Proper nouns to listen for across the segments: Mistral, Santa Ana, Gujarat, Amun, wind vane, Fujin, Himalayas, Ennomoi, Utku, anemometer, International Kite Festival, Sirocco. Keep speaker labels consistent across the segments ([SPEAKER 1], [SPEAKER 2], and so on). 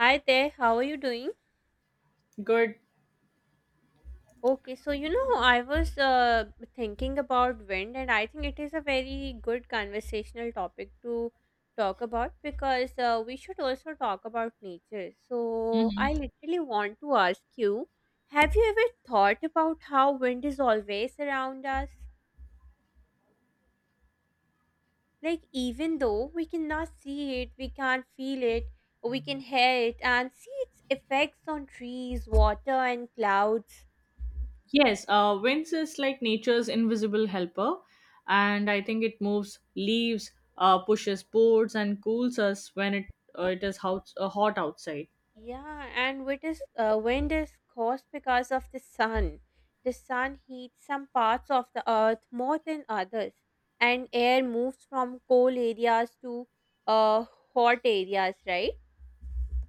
[SPEAKER 1] Hi there, how are you doing?
[SPEAKER 2] Good.
[SPEAKER 1] Okay, so I was thinking about wind, and I think it is a very good conversational topic to talk about because we should also talk about nature. So, I literally want to ask you, have you ever thought about how wind is always around us? Like, even though we cannot see it, we can't feel it, we can hear it and see its effects on trees, water, and clouds.
[SPEAKER 2] Yes, winds is like nature's invisible helper, and I think it moves leaves, pushes boards, and cools us when it is hot, hot outside.
[SPEAKER 1] Yeah, and what is wind is caused because of the sun. The sun heats some parts of the earth more than others, and air moves from cold areas to uh, hot areas, right?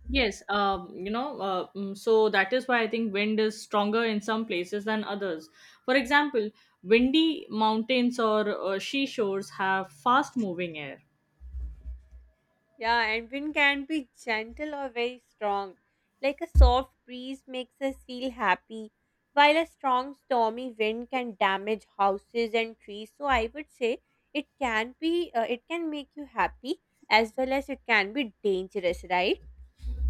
[SPEAKER 2] Yes, so that is why I think wind is stronger in some places than others. For example, windy mountains or seashores have fast moving air.
[SPEAKER 1] Yeah, and wind can be gentle or very strong. Like a soft breeze makes us feel happy, while a strong stormy wind can damage houses and trees. So I would say it can make you happy as well as it can be dangerous, right?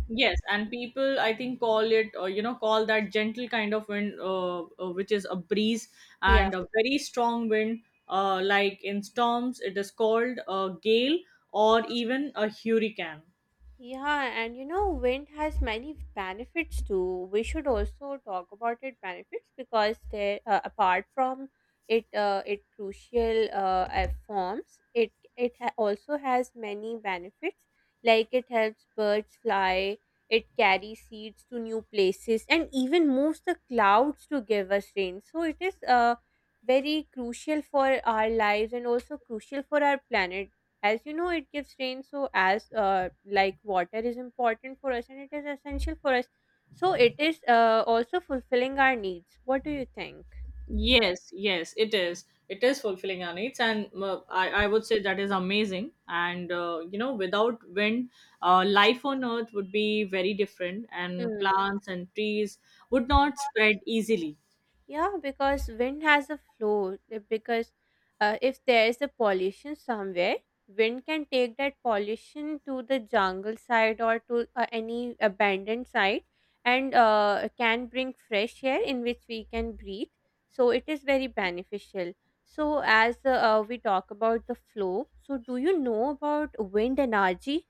[SPEAKER 2] Yes, and people I think call it or you know call that gentle kind of wind, which is a breeze,
[SPEAKER 1] Yeah.
[SPEAKER 2] and a very strong wind, like in storms, it is called a gale or even a hurricane.
[SPEAKER 1] Yeah, and you know, wind has many benefits too. We should also talk about its benefits because they, apart from it, it crucial forms. It also has many benefits, like it helps birds fly. It carries seeds to new places and even moves the clouds to give us rain. So it is very crucial for our lives and also crucial for our planet, as you know, it gives rain. So, as like, water is important for us and it is essential for us, so it is also fulfilling our needs. What do you think?
[SPEAKER 2] Yes, yes, it is. It is fulfilling our needs, and I would say that is amazing. And you know, without wind, life on Earth would be very different, and
[SPEAKER 1] Hmm.
[SPEAKER 2] plants and trees would not spread easily.
[SPEAKER 1] Yeah, because wind has a flow. Because if there is a pollution somewhere, wind can take that pollution to the jungle side or to any abandoned site, and can bring fresh air in which we can breathe. So it is very beneficial. So, as we talk about the flow, so do you know about wind energy?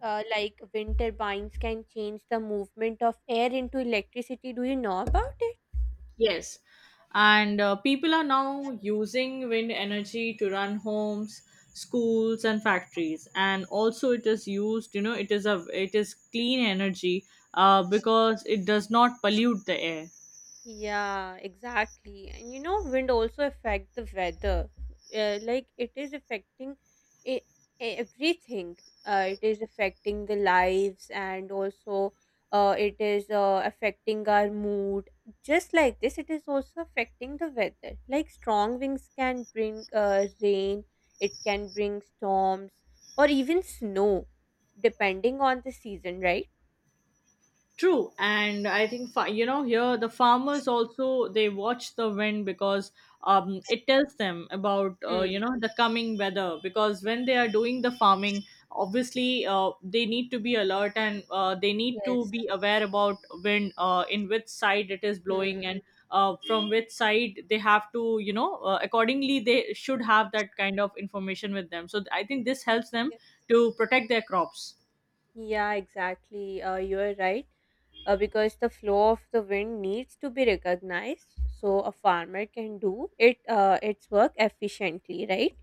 [SPEAKER 1] Like wind turbines can change the movement of air into electricity. Do you know about it?
[SPEAKER 2] Yes. And people are now using wind energy to run homes, schools and factories. And also it is used, you know, it is clean energy because it does not pollute the air.
[SPEAKER 1] Yeah, exactly. And you know, wind also affect the weather. Like it is affecting e- everything. It is affecting the lives, and also it is affecting our mood. Just like this, it is also affecting the weather. Like strong winds can bring rain, it can bring storms, or even snow, depending on the season, right?
[SPEAKER 2] True, and I think you know here the farmers also they watch the wind because it tells them about
[SPEAKER 1] Hmm.
[SPEAKER 2] you know the coming weather because when they are doing the farming obviously they need to be alert and they need to
[SPEAKER 1] Yes.
[SPEAKER 2] be aware about wind in which side it is
[SPEAKER 1] Hmm.
[SPEAKER 2] blowing and from which side they have to you know accordingly they should have that kind of information with them, so I think this helps them to protect their crops.
[SPEAKER 1] Yeah, exactly. You're right. Because the flow of the wind needs to be recognized, so a farmer can do it its work efficiently, right?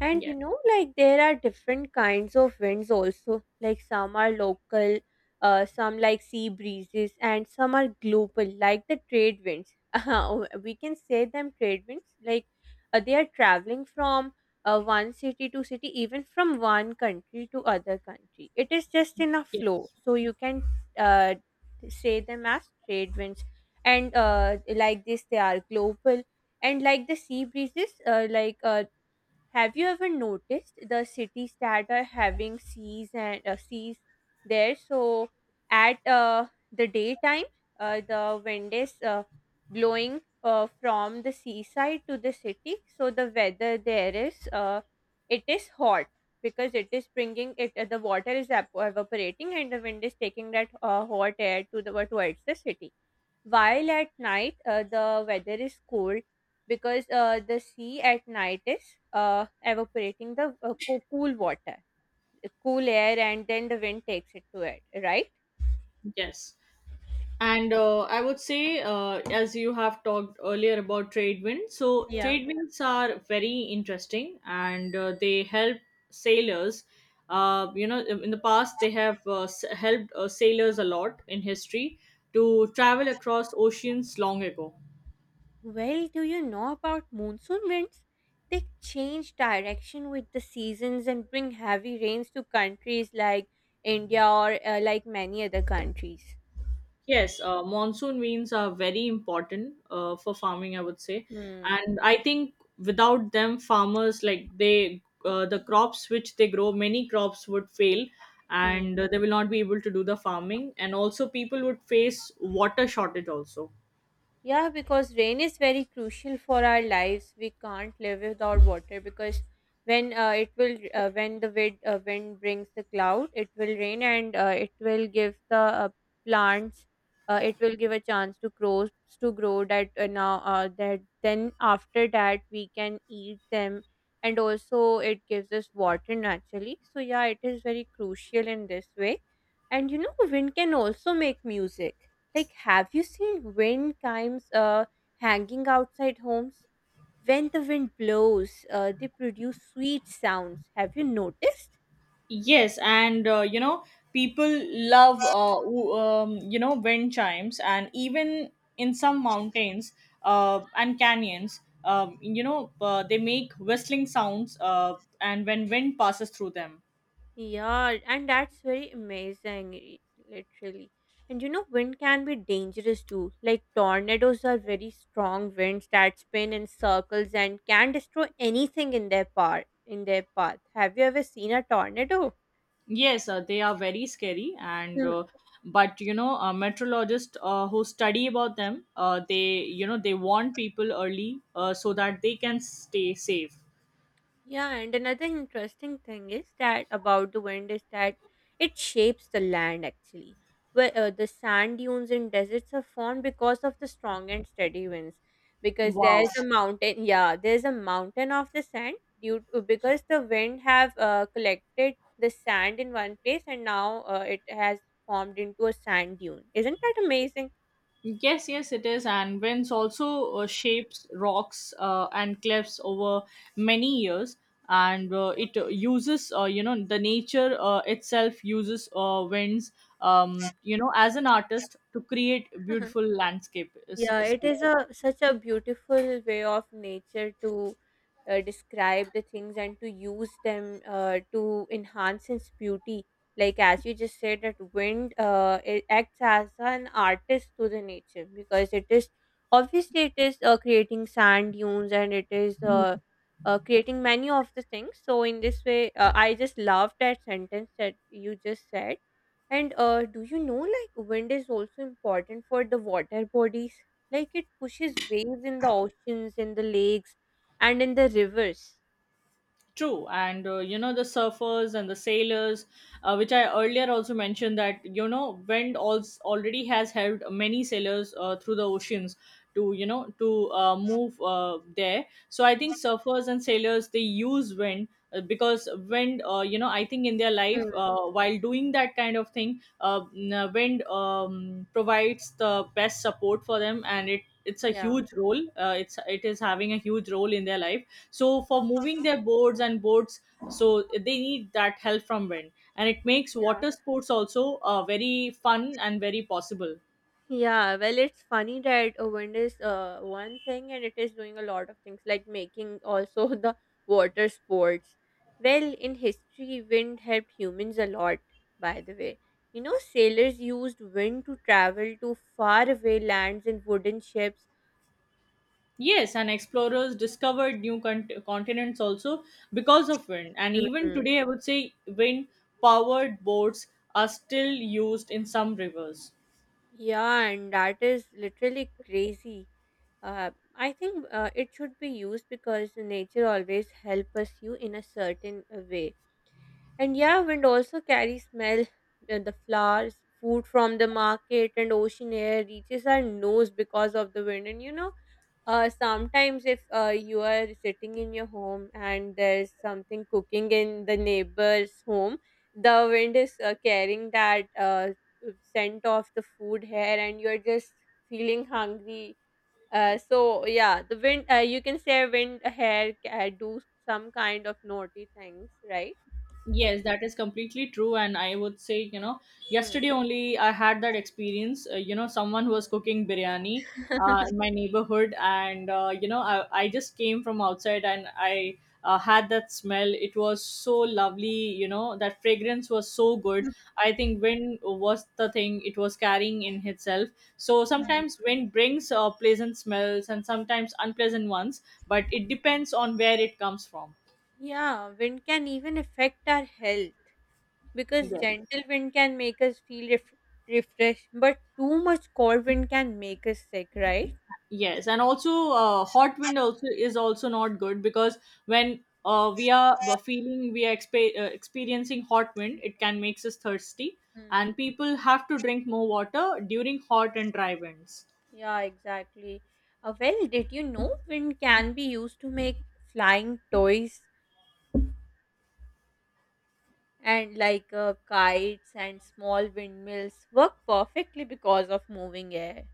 [SPEAKER 1] And you
[SPEAKER 2] Yes,
[SPEAKER 1] know, like there are different kinds of winds also. Like some are local, some like sea breezes, and some are global, like the trade winds. We can say them trade winds. Like they are traveling from one city to city, even from one country to other country. It is just in a flow,
[SPEAKER 2] yes,
[SPEAKER 1] so you can uh, say them as trade winds. And like this, they are global, and like the sea breezes, have you ever noticed the cities that are having seas and seas there? So at the daytime, the wind is blowing from the seaside to the city. So the weather there is hot because it is bringing it. The water is evaporating, and the wind is taking that hot air to the towards the city. While at night, the weather is cold because the sea at night is evaporating the cool water, cool air, and then the wind takes it to it, right?
[SPEAKER 2] yes. And I would say, as you have talked earlier about trade winds, so
[SPEAKER 1] Yeah.
[SPEAKER 2] trade winds are very interesting and they help sailors. You know, in the past, they have helped sailors a lot in history to travel across oceans long ago.
[SPEAKER 1] Well, do you know about monsoon winds? They change direction with the seasons and bring heavy rains to countries like India, or like many other countries.
[SPEAKER 2] Yes, monsoon rains are very important for farming, I would say,
[SPEAKER 1] Hmm.
[SPEAKER 2] and I think without them, farmers like the crops which they grow, many crops would fail, and they will not be able to do the farming, and also people would face water shortage also.
[SPEAKER 1] Yeah, because rain is very crucial for our lives. We can't live without water, because when it will when the wind brings the cloud, it will rain, and it will give the plants, it will give a chance to grow that, now that, then after that we can eat them, and also it gives us water naturally. So yeah, it is very crucial in this way. And you know, wind can also make music, like, have you seen wind chimes hanging outside homes? When the wind blows, they produce sweet sounds. Have you noticed?
[SPEAKER 2] Yes, and you know, people love you know, wind chimes, and even in some mountains and canyons, you know, they make whistling sounds, and when wind passes through them.
[SPEAKER 1] Yeah, and that's very amazing, literally. And you know, wind can be dangerous too. Like, tornadoes are very strong winds that spin in circles and can destroy anything in their path. Have you ever seen a tornado?
[SPEAKER 2] Yes, they are very scary, and but you know, meteorologists who study about them, they you know they warn people early so that they can stay safe.
[SPEAKER 1] Yeah, and another interesting thing is that about the wind is that it shapes the land, actually. Where the sand dunes in deserts are formed because of the strong and steady winds. Because there's
[SPEAKER 2] Wow.
[SPEAKER 1] a mountain, yeah, there's a mountain of the sand, because the wind have collected the sand in one place, and now it has formed into a sand dune. Isn't that amazing?
[SPEAKER 2] Yes, yes, it is. And winds also shapes rocks and cliffs over many years. And it uses, you know, the nature itself uses winds, you know, as an artist to create beautiful landscape.
[SPEAKER 1] Yeah, it is a such a beautiful way of nature to describe the things and to use them to enhance its beauty. Like as you just said, that wind it acts as an artist to the nature, because it is obviously it is creating sand dunes, and it is creating many of the things. So in this way, I just love that sentence that you just said. And do you know, like wind is also important for the water bodies? Like it pushes waves in the oceans, in the lakes, and in the rivers.
[SPEAKER 2] True, and you know the surfers and the sailors, which I earlier also mentioned that you know wind also already has helped many sailors through the oceans to you know to move there. So I think surfers and sailors they use wind because wind, you know, I think in their life
[SPEAKER 1] Mm.
[SPEAKER 2] while doing that kind of thing, wind provides the best support for them, and it it's a
[SPEAKER 1] Yeah.
[SPEAKER 2] huge role. It is having a huge role in their life so for moving their boards and boats, so they need that help from wind, and it makes
[SPEAKER 1] Yeah.
[SPEAKER 2] water sports also very fun and very possible.
[SPEAKER 1] Yeah, well, it's funny that a wind is one thing and it is doing a lot of things, like making also the water sports. Well, in history, wind helped humans a lot, by the way. You know, sailors used wind to travel to faraway lands in wooden ships.
[SPEAKER 2] Yes, and explorers discovered new continents also because of wind, and even today I would say wind powered boats are still used in some rivers.
[SPEAKER 1] Yeah, and that is literally crazy. I think it should be used, because nature always help us you in a certain way. And yeah, wind also carries smell, the flowers, food from the market, and ocean air reaches our nose because of the wind. And you know, sometimes if you are sitting in your home and there's something cooking in the neighbor's home, the wind is carrying that scent of the food here, and you're just feeling hungry, so yeah, the wind, you can say wind hair do some kind of naughty things, right?
[SPEAKER 2] Yes, that is completely true. And I would say, you know,
[SPEAKER 1] Hmm.
[SPEAKER 2] yesterday only I had that experience. You know, someone was cooking biryani in my neighborhood. And, you know, I just came from outside and I had that smell. It was so lovely. You know, that fragrance was so good. I think wind was the thing it was carrying in itself. So
[SPEAKER 1] Hmm.
[SPEAKER 2] sometimes wind brings pleasant smells and sometimes unpleasant ones, but it depends on where it comes from.
[SPEAKER 1] Yeah, wind can even affect our health, because
[SPEAKER 2] Yes.
[SPEAKER 1] gentle wind can make us feel refreshed, but too much cold wind can make us sick, right?
[SPEAKER 2] Yes, and also hot wind also is also not good because when feeling, we are experiencing hot wind, it can makes us thirsty,
[SPEAKER 1] Hmm.
[SPEAKER 2] and people have to drink more water during hot and dry winds.
[SPEAKER 1] Yeah, exactly. Well, did you know wind can be used to make flying toys and, like, kites and small windmills work perfectly because of moving air?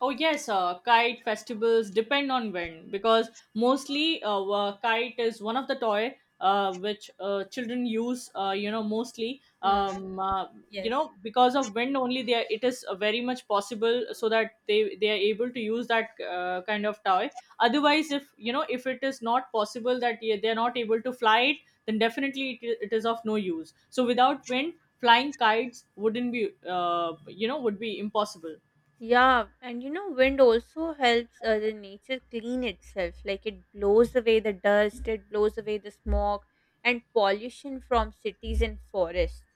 [SPEAKER 2] Oh yes, kite festivals depend on when because mostly kite is one of the toy which children use. You know mostly
[SPEAKER 1] Hmm.
[SPEAKER 2] you
[SPEAKER 1] Yes.
[SPEAKER 2] know because of wind only it is very much possible so that they are able to use that kind of toy. Otherwise, if you know if it is not possible that they are not able to fly it, then definitely it is of no use. So without wind, flying kites wouldn't be you know, would be impossible.
[SPEAKER 1] Yeah, and you know, wind also helps the nature clean itself. Like it blows away the dust, it blows away the smog and pollution from cities and forests.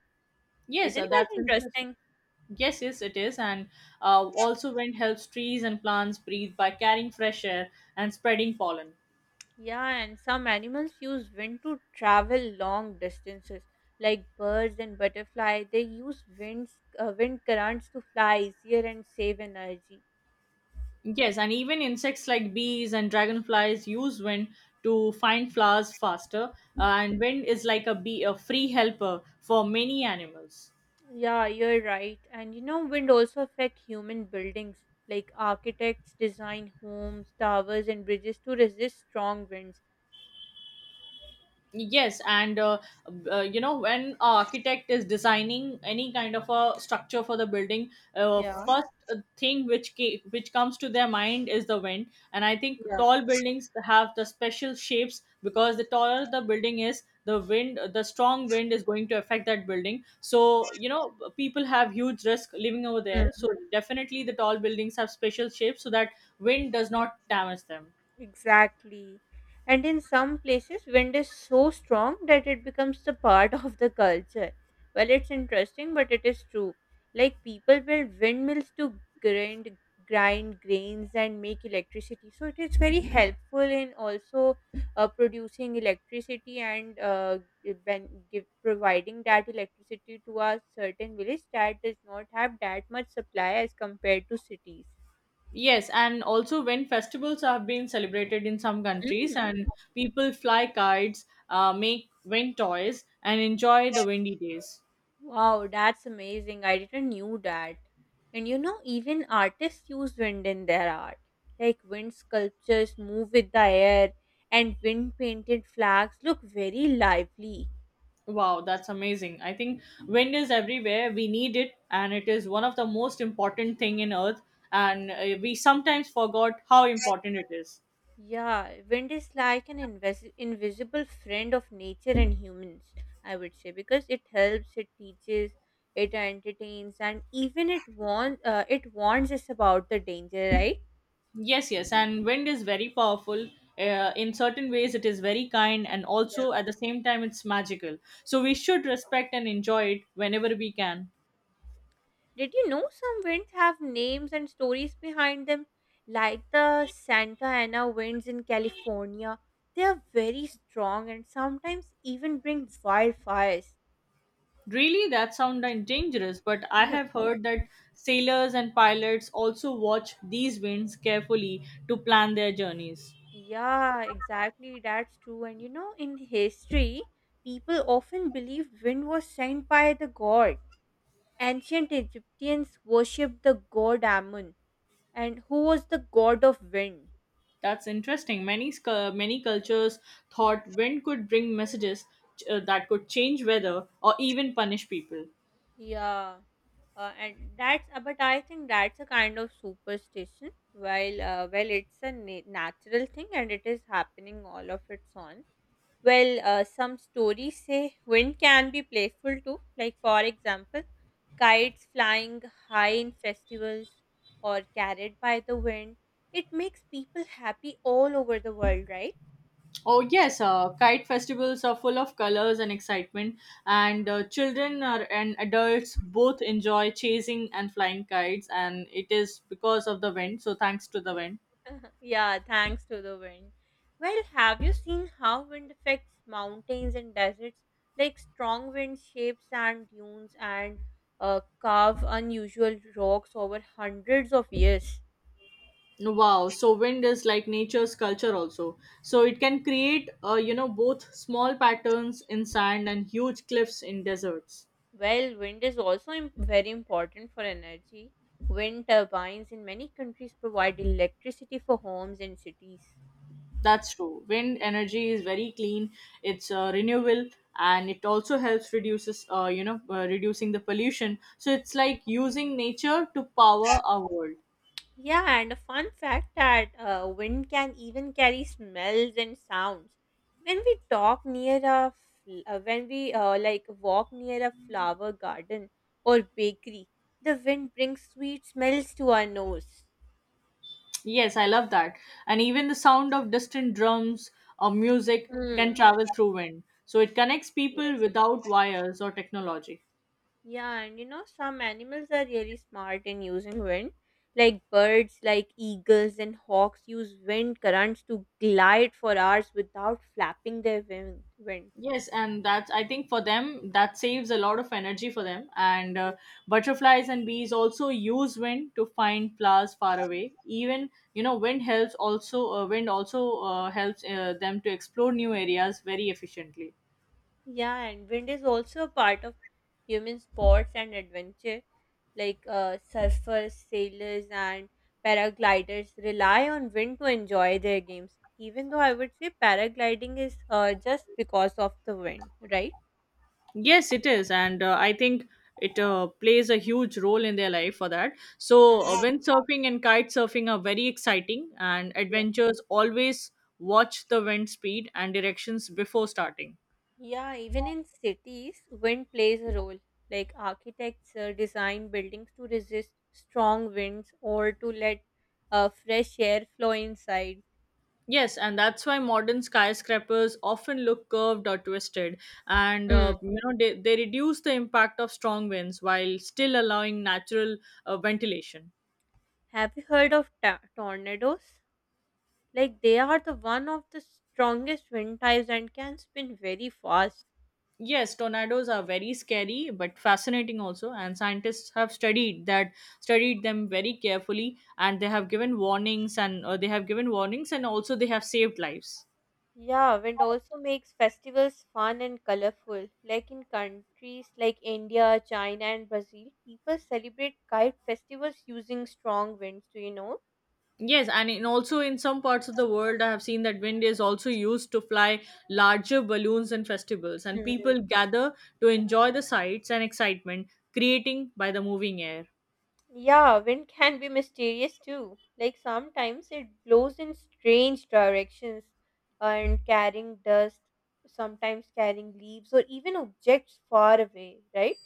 [SPEAKER 2] Yes,
[SPEAKER 1] Isn't that
[SPEAKER 2] that's interesting.
[SPEAKER 1] interesting?
[SPEAKER 2] Yes, yes, it is. And also, wind helps trees and plants breathe by carrying fresh air and spreading pollen.
[SPEAKER 1] Yeah, and some animals use wind to travel long distances. Like birds and butterfly, they use wind currents to fly easier and save energy.
[SPEAKER 2] Yes, and even insects like bees and dragonflies use wind to find flowers faster. And wind is like a bee, a free helper for many animals.
[SPEAKER 1] Yeah, you're right. And you know, wind also affect human buildings. Like architects design homes, towers, and bridges to resist strong winds.
[SPEAKER 2] Yes, and you know when a architect is designing any kind of a structure for the building,
[SPEAKER 1] Yeah,
[SPEAKER 2] first thing which which comes to their mind is the wind. And I think tall buildings have the special shapes because the taller the building is, the strong wind is going to affect that building. So you know people have huge risk living over
[SPEAKER 1] yeah.
[SPEAKER 2] there. So definitely the tall buildings have special shapes so that wind does not damage them.
[SPEAKER 1] Exactly. And in some places, wind is so strong that it becomes the part of the culture. Well, it's interesting, but it is true. Like people build windmills to grind grains and make electricity. So it is very helpful in also producing electricity, and providing that electricity to a certain village that does not have that much supply as compared to cities.
[SPEAKER 2] Yes, and also when festivals have been celebrated in some countries and people fly kites, make wind toys, and enjoy the windy days.
[SPEAKER 1] Wow, that's amazing. I didn't knew that. And you know, even artists use wind in their art. Like wind sculptures move with the air and wind painted flags look very lively.
[SPEAKER 2] Wow, that's amazing. I think wind is everywhere. We need it, and it is one of the most important thing in earth. And we sometimes forgot how important it is.
[SPEAKER 1] Yeah, wind is like an invisible friend of nature and humans, I would say, because it helps, it teaches, it entertains, and even it warns us about the danger, right?
[SPEAKER 2] Yes, yes, and wind is very powerful. In certain ways, it is very kind, and also at the same time, it's magical. So we should respect and enjoy it whenever we can.
[SPEAKER 1] Did you know some winds have names and stories behind them? Like the Santa Ana winds in California, they are very strong and sometimes even bring wildfires.
[SPEAKER 2] Really, that sounds dangerous, but I have heard that sailors and pilots also watch these winds carefully to plan their journeys.
[SPEAKER 1] Yeah, exactly. That's true. And you know, in history, people often believed wind was sent by the god. Ancient Egyptians worshipped the god Amun, and who was the god of wind.
[SPEAKER 2] That's interesting. Many cultures thought wind could bring messages that could change weather or even punish people.
[SPEAKER 1] Yeah, and that's but I think that's a kind of superstition. While well, it's a natural thing, and it is happening all of its own. Well, some stories say wind can be playful too. Like for example, kites flying high in festivals or carried by the wind. It makes people happy all over the world, right?
[SPEAKER 2] Oh yes, kite festivals are full of colors and excitement, and children are, and adults both enjoy chasing and flying kites, and it is because of the wind. So thanks to the wind.
[SPEAKER 1] Yeah, thanks to the wind. Well, have you seen how wind affects mountains and deserts? Like strong wind shapes and dunes and carve unusual rocks over hundreds of years.
[SPEAKER 2] Wow, so wind is like nature's culture also. So it can create, you know, both small patterns in sand and huge cliffs in deserts.
[SPEAKER 1] Well, wind is also very important for energy. Wind turbines in many countries provide electricity for homes and cities.
[SPEAKER 2] That's true. Wind energy is very clean. It's renewable, and it also helps reduces, you know, reducing the pollution. So it's like using nature to power our world.
[SPEAKER 1] Yeah, and a fun fact that wind can even carry smells and sounds. When we like walk near a flower garden or bakery, the wind brings sweet smells to our nose.
[SPEAKER 2] Yes, I love that. And even the sound of distant drums or music can
[SPEAKER 1] Mm.
[SPEAKER 2] travel through wind. So it connects people
[SPEAKER 1] Yes.
[SPEAKER 2] without wires or technology.
[SPEAKER 1] Yeah, and you know some animals are really smart in using wind. Like birds, like eagles and hawks, use wind currents to glide for hours without flapping their wings.
[SPEAKER 2] Yes, and that's I think for them that saves a lot of energy for them. And butterflies and bees also use wind to find flowers far away. Even you know, wind helps also wind also helps them to explore new areas very efficiently.
[SPEAKER 1] Yeah, and wind is also a part of human sports and adventure. Like surfers, sailors, and paragliders rely on wind to enjoy their games. Even though I would say paragliding is just because of the wind, right?
[SPEAKER 2] Yes, it is, and I think it plays a huge role in their life for that.
[SPEAKER 1] Hmm.
[SPEAKER 2] So
[SPEAKER 1] Yeah.
[SPEAKER 2] windsurfing and kite surfing are very exciting, and
[SPEAKER 1] Yeah.
[SPEAKER 2] adventurers always watch the wind speed and directions before starting.
[SPEAKER 1] Yeah, even in cities, wind plays a role. Like architects design buildings to resist strong winds or to let fresh air flow inside.
[SPEAKER 2] Yes, and that's why modern skyscrapers often look curved or twisted, and
[SPEAKER 1] Hmm.
[SPEAKER 2] you know they reduce the impact of strong winds while still allowing natural ventilation.
[SPEAKER 1] Have you heard of tornadoes? Like they are the one of the strongest wind types and can spin very fast.
[SPEAKER 2] Yes, tornadoes are very scary but fascinating also, and scientists have studied them very carefully, and they have given warnings and they have given warnings, and also they have saved lives.
[SPEAKER 1] Yeah, wind also makes festivals fun and colorful. Like in countries like India, China, and Brazil, people celebrate kite festivals using strong winds. Do you know?
[SPEAKER 2] Yes, and in also in some parts of the world, I have seen that wind is also used to fly larger balloons and festivals, and
[SPEAKER 1] Mhm.
[SPEAKER 2] people gather to enjoy the sights and excitement creating by the moving air.
[SPEAKER 1] Yeah, wind can be mysterious too. Like sometimes it blows in strange directions and carrying dust, sometimes carrying leaves or even objects far away, right?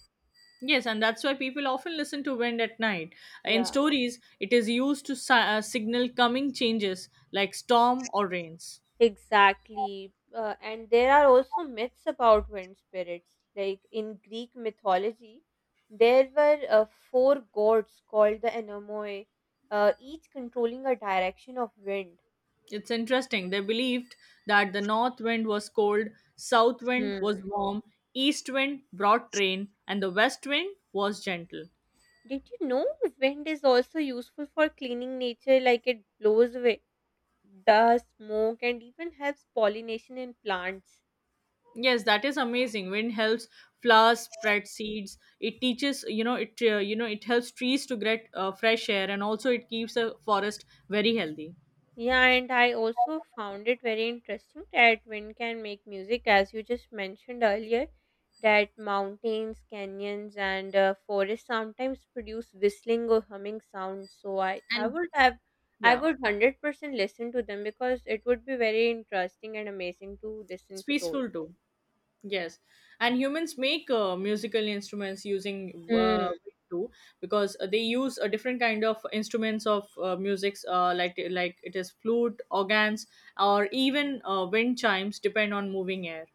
[SPEAKER 2] Yes, and that's why people often listen to wind at night. In
[SPEAKER 1] Yeah.
[SPEAKER 2] stories, it is used to signal coming changes like storm or rains.
[SPEAKER 1] Exactly. And there are also myths about wind spirits. Like in Greek mythology, there were four gods called the Ennomoi, each controlling a direction of wind.
[SPEAKER 2] It's interesting. They believed that the north wind was cold, south wind
[SPEAKER 1] Hmm.
[SPEAKER 2] was warm, east wind brought rain, and the west wind was gentle.
[SPEAKER 1] Did you know wind is also useful for cleaning nature? Like it blows away dust, smoke, and even helps pollination in plants.
[SPEAKER 2] Yes, that is amazing. Wind helps flowers spread seeds. It teaches, you know, it helps trees to get fresh air, and also it keeps a forest very healthy.
[SPEAKER 1] Yeah, and I also found it very interesting that wind can make music, as you just mentioned earlier, that mountains, canyons, and forests sometimes produce whistling or humming sounds. So I
[SPEAKER 2] And
[SPEAKER 1] would have, I
[SPEAKER 2] yeah,
[SPEAKER 1] would 100% listen to them because it would be very interesting and amazing to listen
[SPEAKER 2] it's
[SPEAKER 1] to those.
[SPEAKER 2] peaceful too. Yes, and humans make musical instruments using wind too, because they use a different kind of instruments of musics, like it is flute, organs, or even wind chimes, depend on moving air.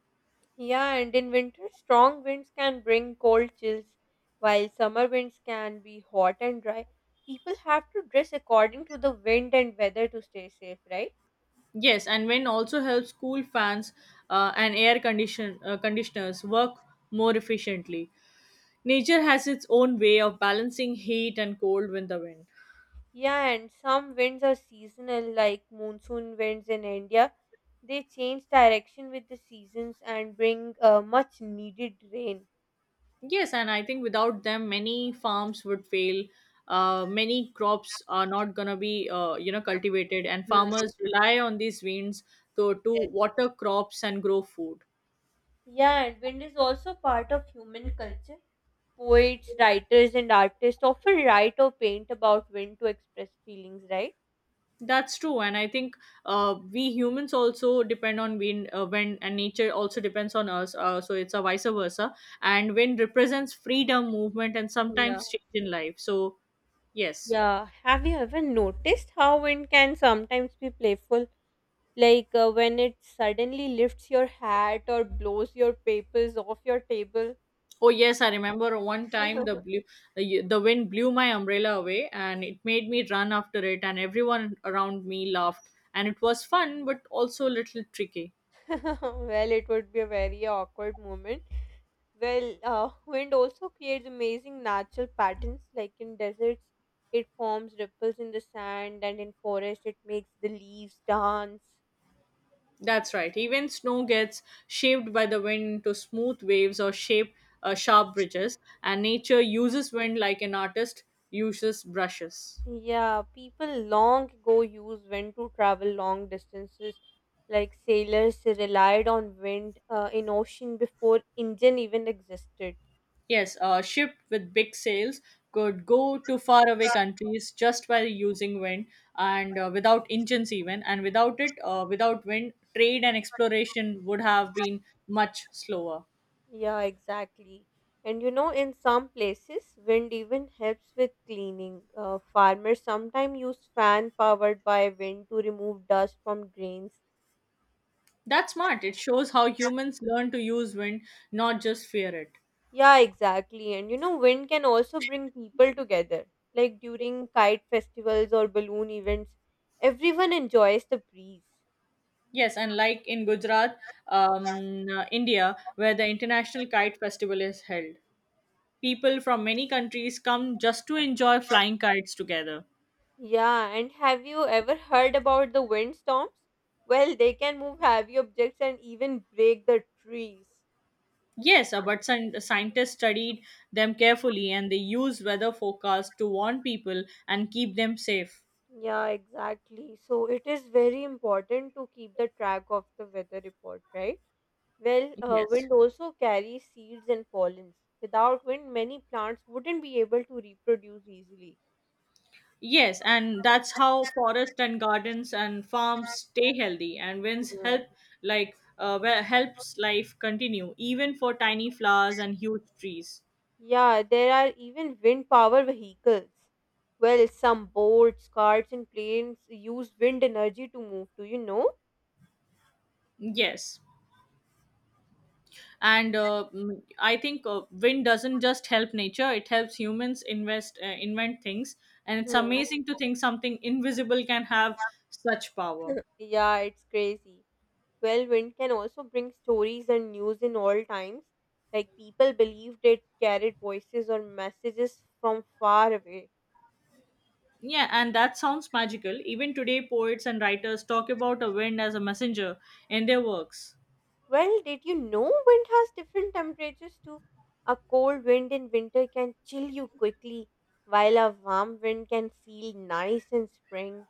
[SPEAKER 1] Yeah, and in winter, strong winds can bring cold chills, while summer winds can be hot and dry. People have to dress according to the wind and weather to stay safe, right?
[SPEAKER 2] Yes, and when also helps cool fans, and air condition conditioners work more efficiently. Nature has its own way of balancing heat and cold with the wind.
[SPEAKER 1] Yeah, and some winds are seasonal, like monsoon winds in India. They change direction with the seasons and bring much needed rain.
[SPEAKER 2] Yes, and I think without them, many farms would fail. Many crops are not gonna be you know cultivated, and
[SPEAKER 1] Hmm.
[SPEAKER 2] farmers rely on these winds to
[SPEAKER 1] Yes.
[SPEAKER 2] water crops and grow food.
[SPEAKER 1] Yeah, and wind is also part of human culture. Poets, writers, and artists often write or paint about wind to express feelings, right?
[SPEAKER 2] That's true, and I think we humans also depend on when and nature also depends on us. So it's a vice versa, and wind represents freedom, movement, and
[SPEAKER 1] Yeah,
[SPEAKER 2] sometimes change in life. So yes,
[SPEAKER 1] yeah. Have you ever noticed how wind can sometimes be playful? Like when it suddenly lifts your hat or blows your papers off your table.
[SPEAKER 2] oh yes, I remember one time the blue the, the wind blew my umbrella away, and it made me run after it, and everyone around me laughed, and it was fun but also a little tricky.
[SPEAKER 1] Well, it would be a very awkward moment. Well, wind also creates amazing natural patterns, like in deserts, it forms ripples in the sand, and in forest, it makes the leaves dance.
[SPEAKER 2] That's right. Even snow gets shaped by the wind into smooth waves or shape sharp bridges, and nature uses wind like an artist uses brushes.
[SPEAKER 1] Yeah, people long ago used wind to travel long distances. Like sailors relied on wind in ocean before engine even existed.
[SPEAKER 2] Yes, a ship with big sails could go to faraway countries just by using wind and without engines even, and without wind, trade and exploration would have been much slower.
[SPEAKER 1] Yeah, exactly. And you know, in some places, wind even helps with cleaning. Farmers sometimes use fan powered by wind to remove dust from grains.
[SPEAKER 2] That's smart. It shows how humans learn to use wind, not just fear it.
[SPEAKER 1] Yeah, exactly. And you know, wind can also bring people together. Like during kite festivals or balloon events, everyone enjoys the breeze.
[SPEAKER 2] Yes, and like in Gujarat, India, where the International Kite Festival is held, people from many countries come just to enjoy flying kites together.
[SPEAKER 1] Yeah, and have you ever heard about the wind storms? Well, they can move heavy objects and even break the trees.
[SPEAKER 2] Yes, but scientists studied them carefully, and they use weather forecasts to warn people and keep them safe.
[SPEAKER 1] Yeah, exactly. So it is very important to keep the track of the weather report, right? Well,
[SPEAKER 2] Yes.
[SPEAKER 1] wind also carries seeds and pollens. Without wind, many plants wouldn't be able to reproduce easily.
[SPEAKER 2] Yes, and that's how forests and gardens and farms stay healthy, and winds
[SPEAKER 1] Mm.
[SPEAKER 2] help, like helps life continue even for tiny flowers and huge trees.
[SPEAKER 1] Yeah, there are even wind power vehicles. Well, some boats, carts, and planes use wind energy to move. Do you know?
[SPEAKER 2] Yes. And I think wind doesn't just help nature, it helps humans invest invent things. And it's
[SPEAKER 1] Mm.
[SPEAKER 2] amazing to think something invisible can have such power.
[SPEAKER 1] Yeah, it's crazy. Well, wind can also bring stories and news in all times. Like people believed it carried voices or messages from far away.
[SPEAKER 2] Yeah, and that sounds magical. Even today, poets and writers talk about a wind as a messenger in their works.
[SPEAKER 1] Well, did you know wind has different temperatures too? A cold wind in winter can chill you quickly, while a warm wind can feel nice in spring.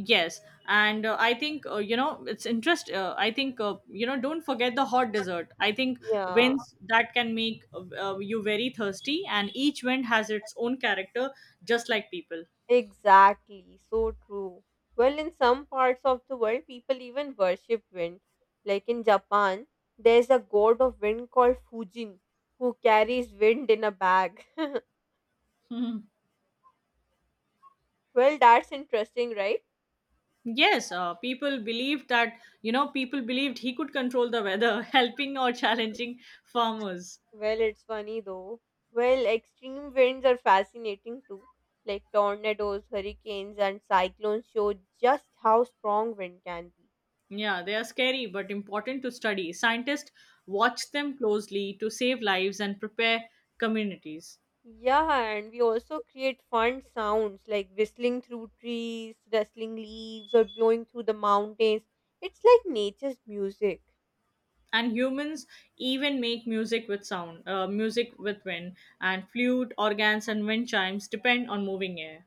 [SPEAKER 2] Yes, and I think you know it's interest. I think you know, don't forget the hot dessert. I think
[SPEAKER 1] Yeah.
[SPEAKER 2] winds that can make you very thirsty, and each wind has its own character, just like people.
[SPEAKER 1] Exactly, so true. Well, in some parts of the world, people even worship wind. Like in Japan, there's a god of wind called Fujin who carries wind in a bag. Well, that's interesting, right?
[SPEAKER 2] Yes, people believed that people believed he could control the weather, helping or challenging farmers.
[SPEAKER 1] Well, it's funny though. Well, extreme winds are fascinating too. Like tornadoes, hurricanes, and cyclones show just how strong wind can be.
[SPEAKER 2] Yeah, they are scary but important to study. Scientists watch them closely to save lives and prepare communities.
[SPEAKER 1] Yeah, and we also create fun sounds like whistling through trees, rustling leaves, or blowing through the mountains. It's like nature's music.
[SPEAKER 2] And humans even make music with sound, music with wind, and flute organs and wind chimes depend on moving air.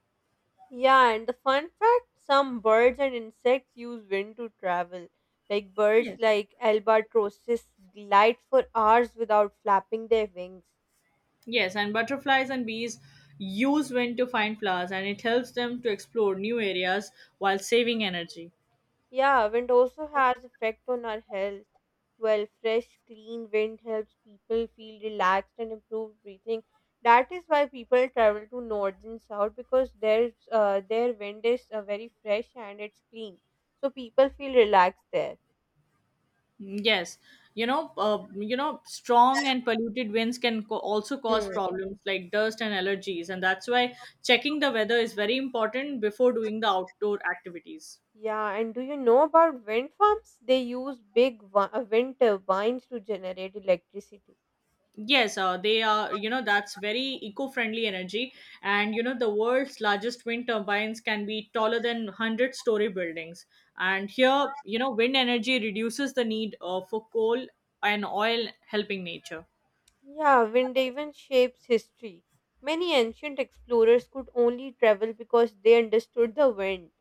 [SPEAKER 1] Yeah, and the fun fact some birds and insects use wind to travel. Like birds
[SPEAKER 2] Yes.
[SPEAKER 1] like albatrosses glide for hours without flapping their wings.
[SPEAKER 2] Yes, and butterflies and bees use wind to find flowers, and it helps them to explore new areas while saving energy.
[SPEAKER 1] Yeah, wind also has effect on our health. Well, fresh, clean wind helps people feel relaxed and improve breathing. That is why people travel to north and south because there's their wind is very fresh and it's clean. So people feel relaxed there.
[SPEAKER 2] Yes. You know strong and polluted winds can also cause
[SPEAKER 1] Hmm.
[SPEAKER 2] problems like dust and allergies, and that's why checking the weather is very important before doing the outdoor activities.
[SPEAKER 1] Yeah, and do you know about wind farms? They use wind turbines to generate electricity.
[SPEAKER 2] Yes, they are, you know, that's very eco friendly energy. And, you know, the world's largest wind turbines can be taller than 100 story buildings. And here, you know, wind energy reduces the need for coal and oil, helping nature.
[SPEAKER 1] Yeah, wind even shapes history. Many ancient explorers could only travel because they understood the wind.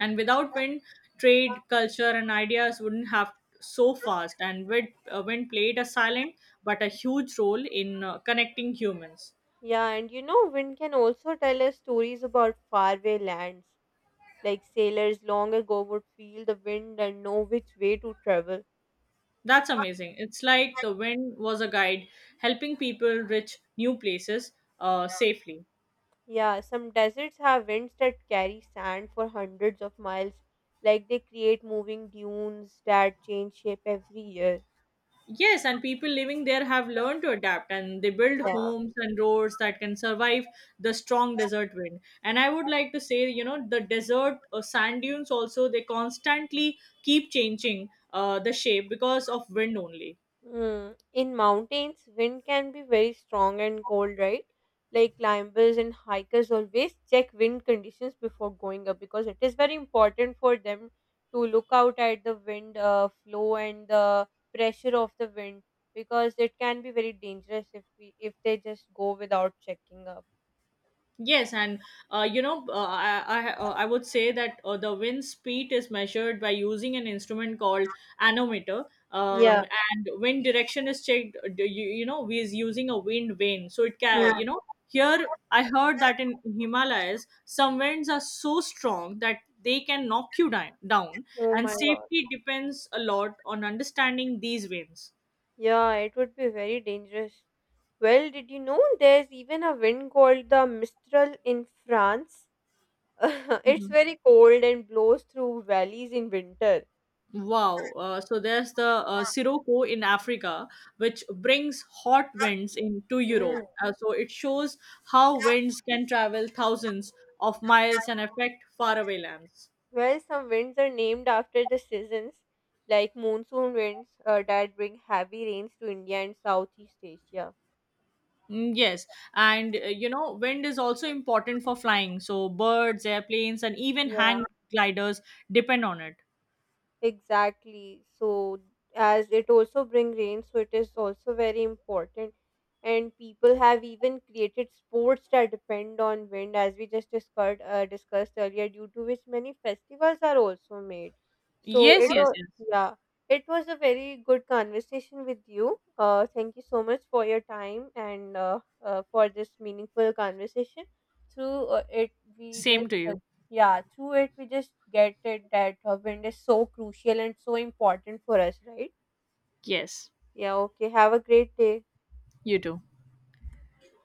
[SPEAKER 2] And without wind, trade, culture, and ideas wouldn't have so fast. And wind, wind played a silent but a huge role in connecting humans.
[SPEAKER 1] Yeah, and you know, wind can also tell us stories about faraway lands. Like sailors long ago would feel the wind and know which way to travel.
[SPEAKER 2] That's amazing. It's like the wind was a guide helping people reach new places safely.
[SPEAKER 1] Yeah, some deserts have winds that carry sand for hundreds of miles. Like they create moving dunes that change shape every year.
[SPEAKER 2] Yes, and people living there have learned to adapt, and they build
[SPEAKER 1] Yeah.
[SPEAKER 2] homes and roads that can survive the strong desert wind. And I would like to say, you know, the desert sand dunes also, they constantly keep changing the shape because of wind only.
[SPEAKER 1] Mm, in mountains, wind can be very strong and cold, right? Like climbers and hikers always check wind conditions before going up because it is very important for them to look out at the wind flow and the pressure of the wind because it can be very dangerous if we if they just go without checking up.
[SPEAKER 2] Yes, and you know, I would say that the wind speed is measured by using an instrument called anemometer,
[SPEAKER 1] Yeah.
[SPEAKER 2] um, and wind direction is checked. You know, we is using a wind vane, so it can
[SPEAKER 1] Mm.
[SPEAKER 2] you know here I heard that in Himalayas some winds are so strong that they can knock you down,
[SPEAKER 1] Oh
[SPEAKER 2] and
[SPEAKER 1] my god.
[SPEAKER 2] safety depends a lot on understanding these winds.
[SPEAKER 1] Yeah, it would be very dangerous. Well, did you know there's even a wind called the Mistral in France? It's very cold and blows through valleys in winter.
[SPEAKER 2] Wow. So there's the Sirocco in Africa, which brings hot winds into
[SPEAKER 1] Mm.
[SPEAKER 2] Europe. So it shows how winds can travel thousands of miles and affect faraway lands.
[SPEAKER 1] Well, some winds are named after the seasons, like monsoon winds that bring heavy rains to India and Southeast Asia.
[SPEAKER 2] Mm, yes. And you know, wind is also important for flying. So birds, airplanes, and even
[SPEAKER 1] Yeah.
[SPEAKER 2] hang gliders depend on it.
[SPEAKER 1] Exactly. So, as it also bring rain, so it is also very important. And people have even created sports that depend on wind, as we just discussed earlier, due to which many festivals are also made. So it
[SPEAKER 2] Yes, yes,
[SPEAKER 1] was,
[SPEAKER 2] yes.
[SPEAKER 1] yeah, it was a very good conversation with you. Thank you so much for your time and for this meaningful conversation. Through it, we just
[SPEAKER 2] Same to you.
[SPEAKER 1] yeah through it we just get it that wind is so crucial and so important for us, right?
[SPEAKER 2] Yes.
[SPEAKER 1] Yeah, okay, have a great day.
[SPEAKER 2] You too.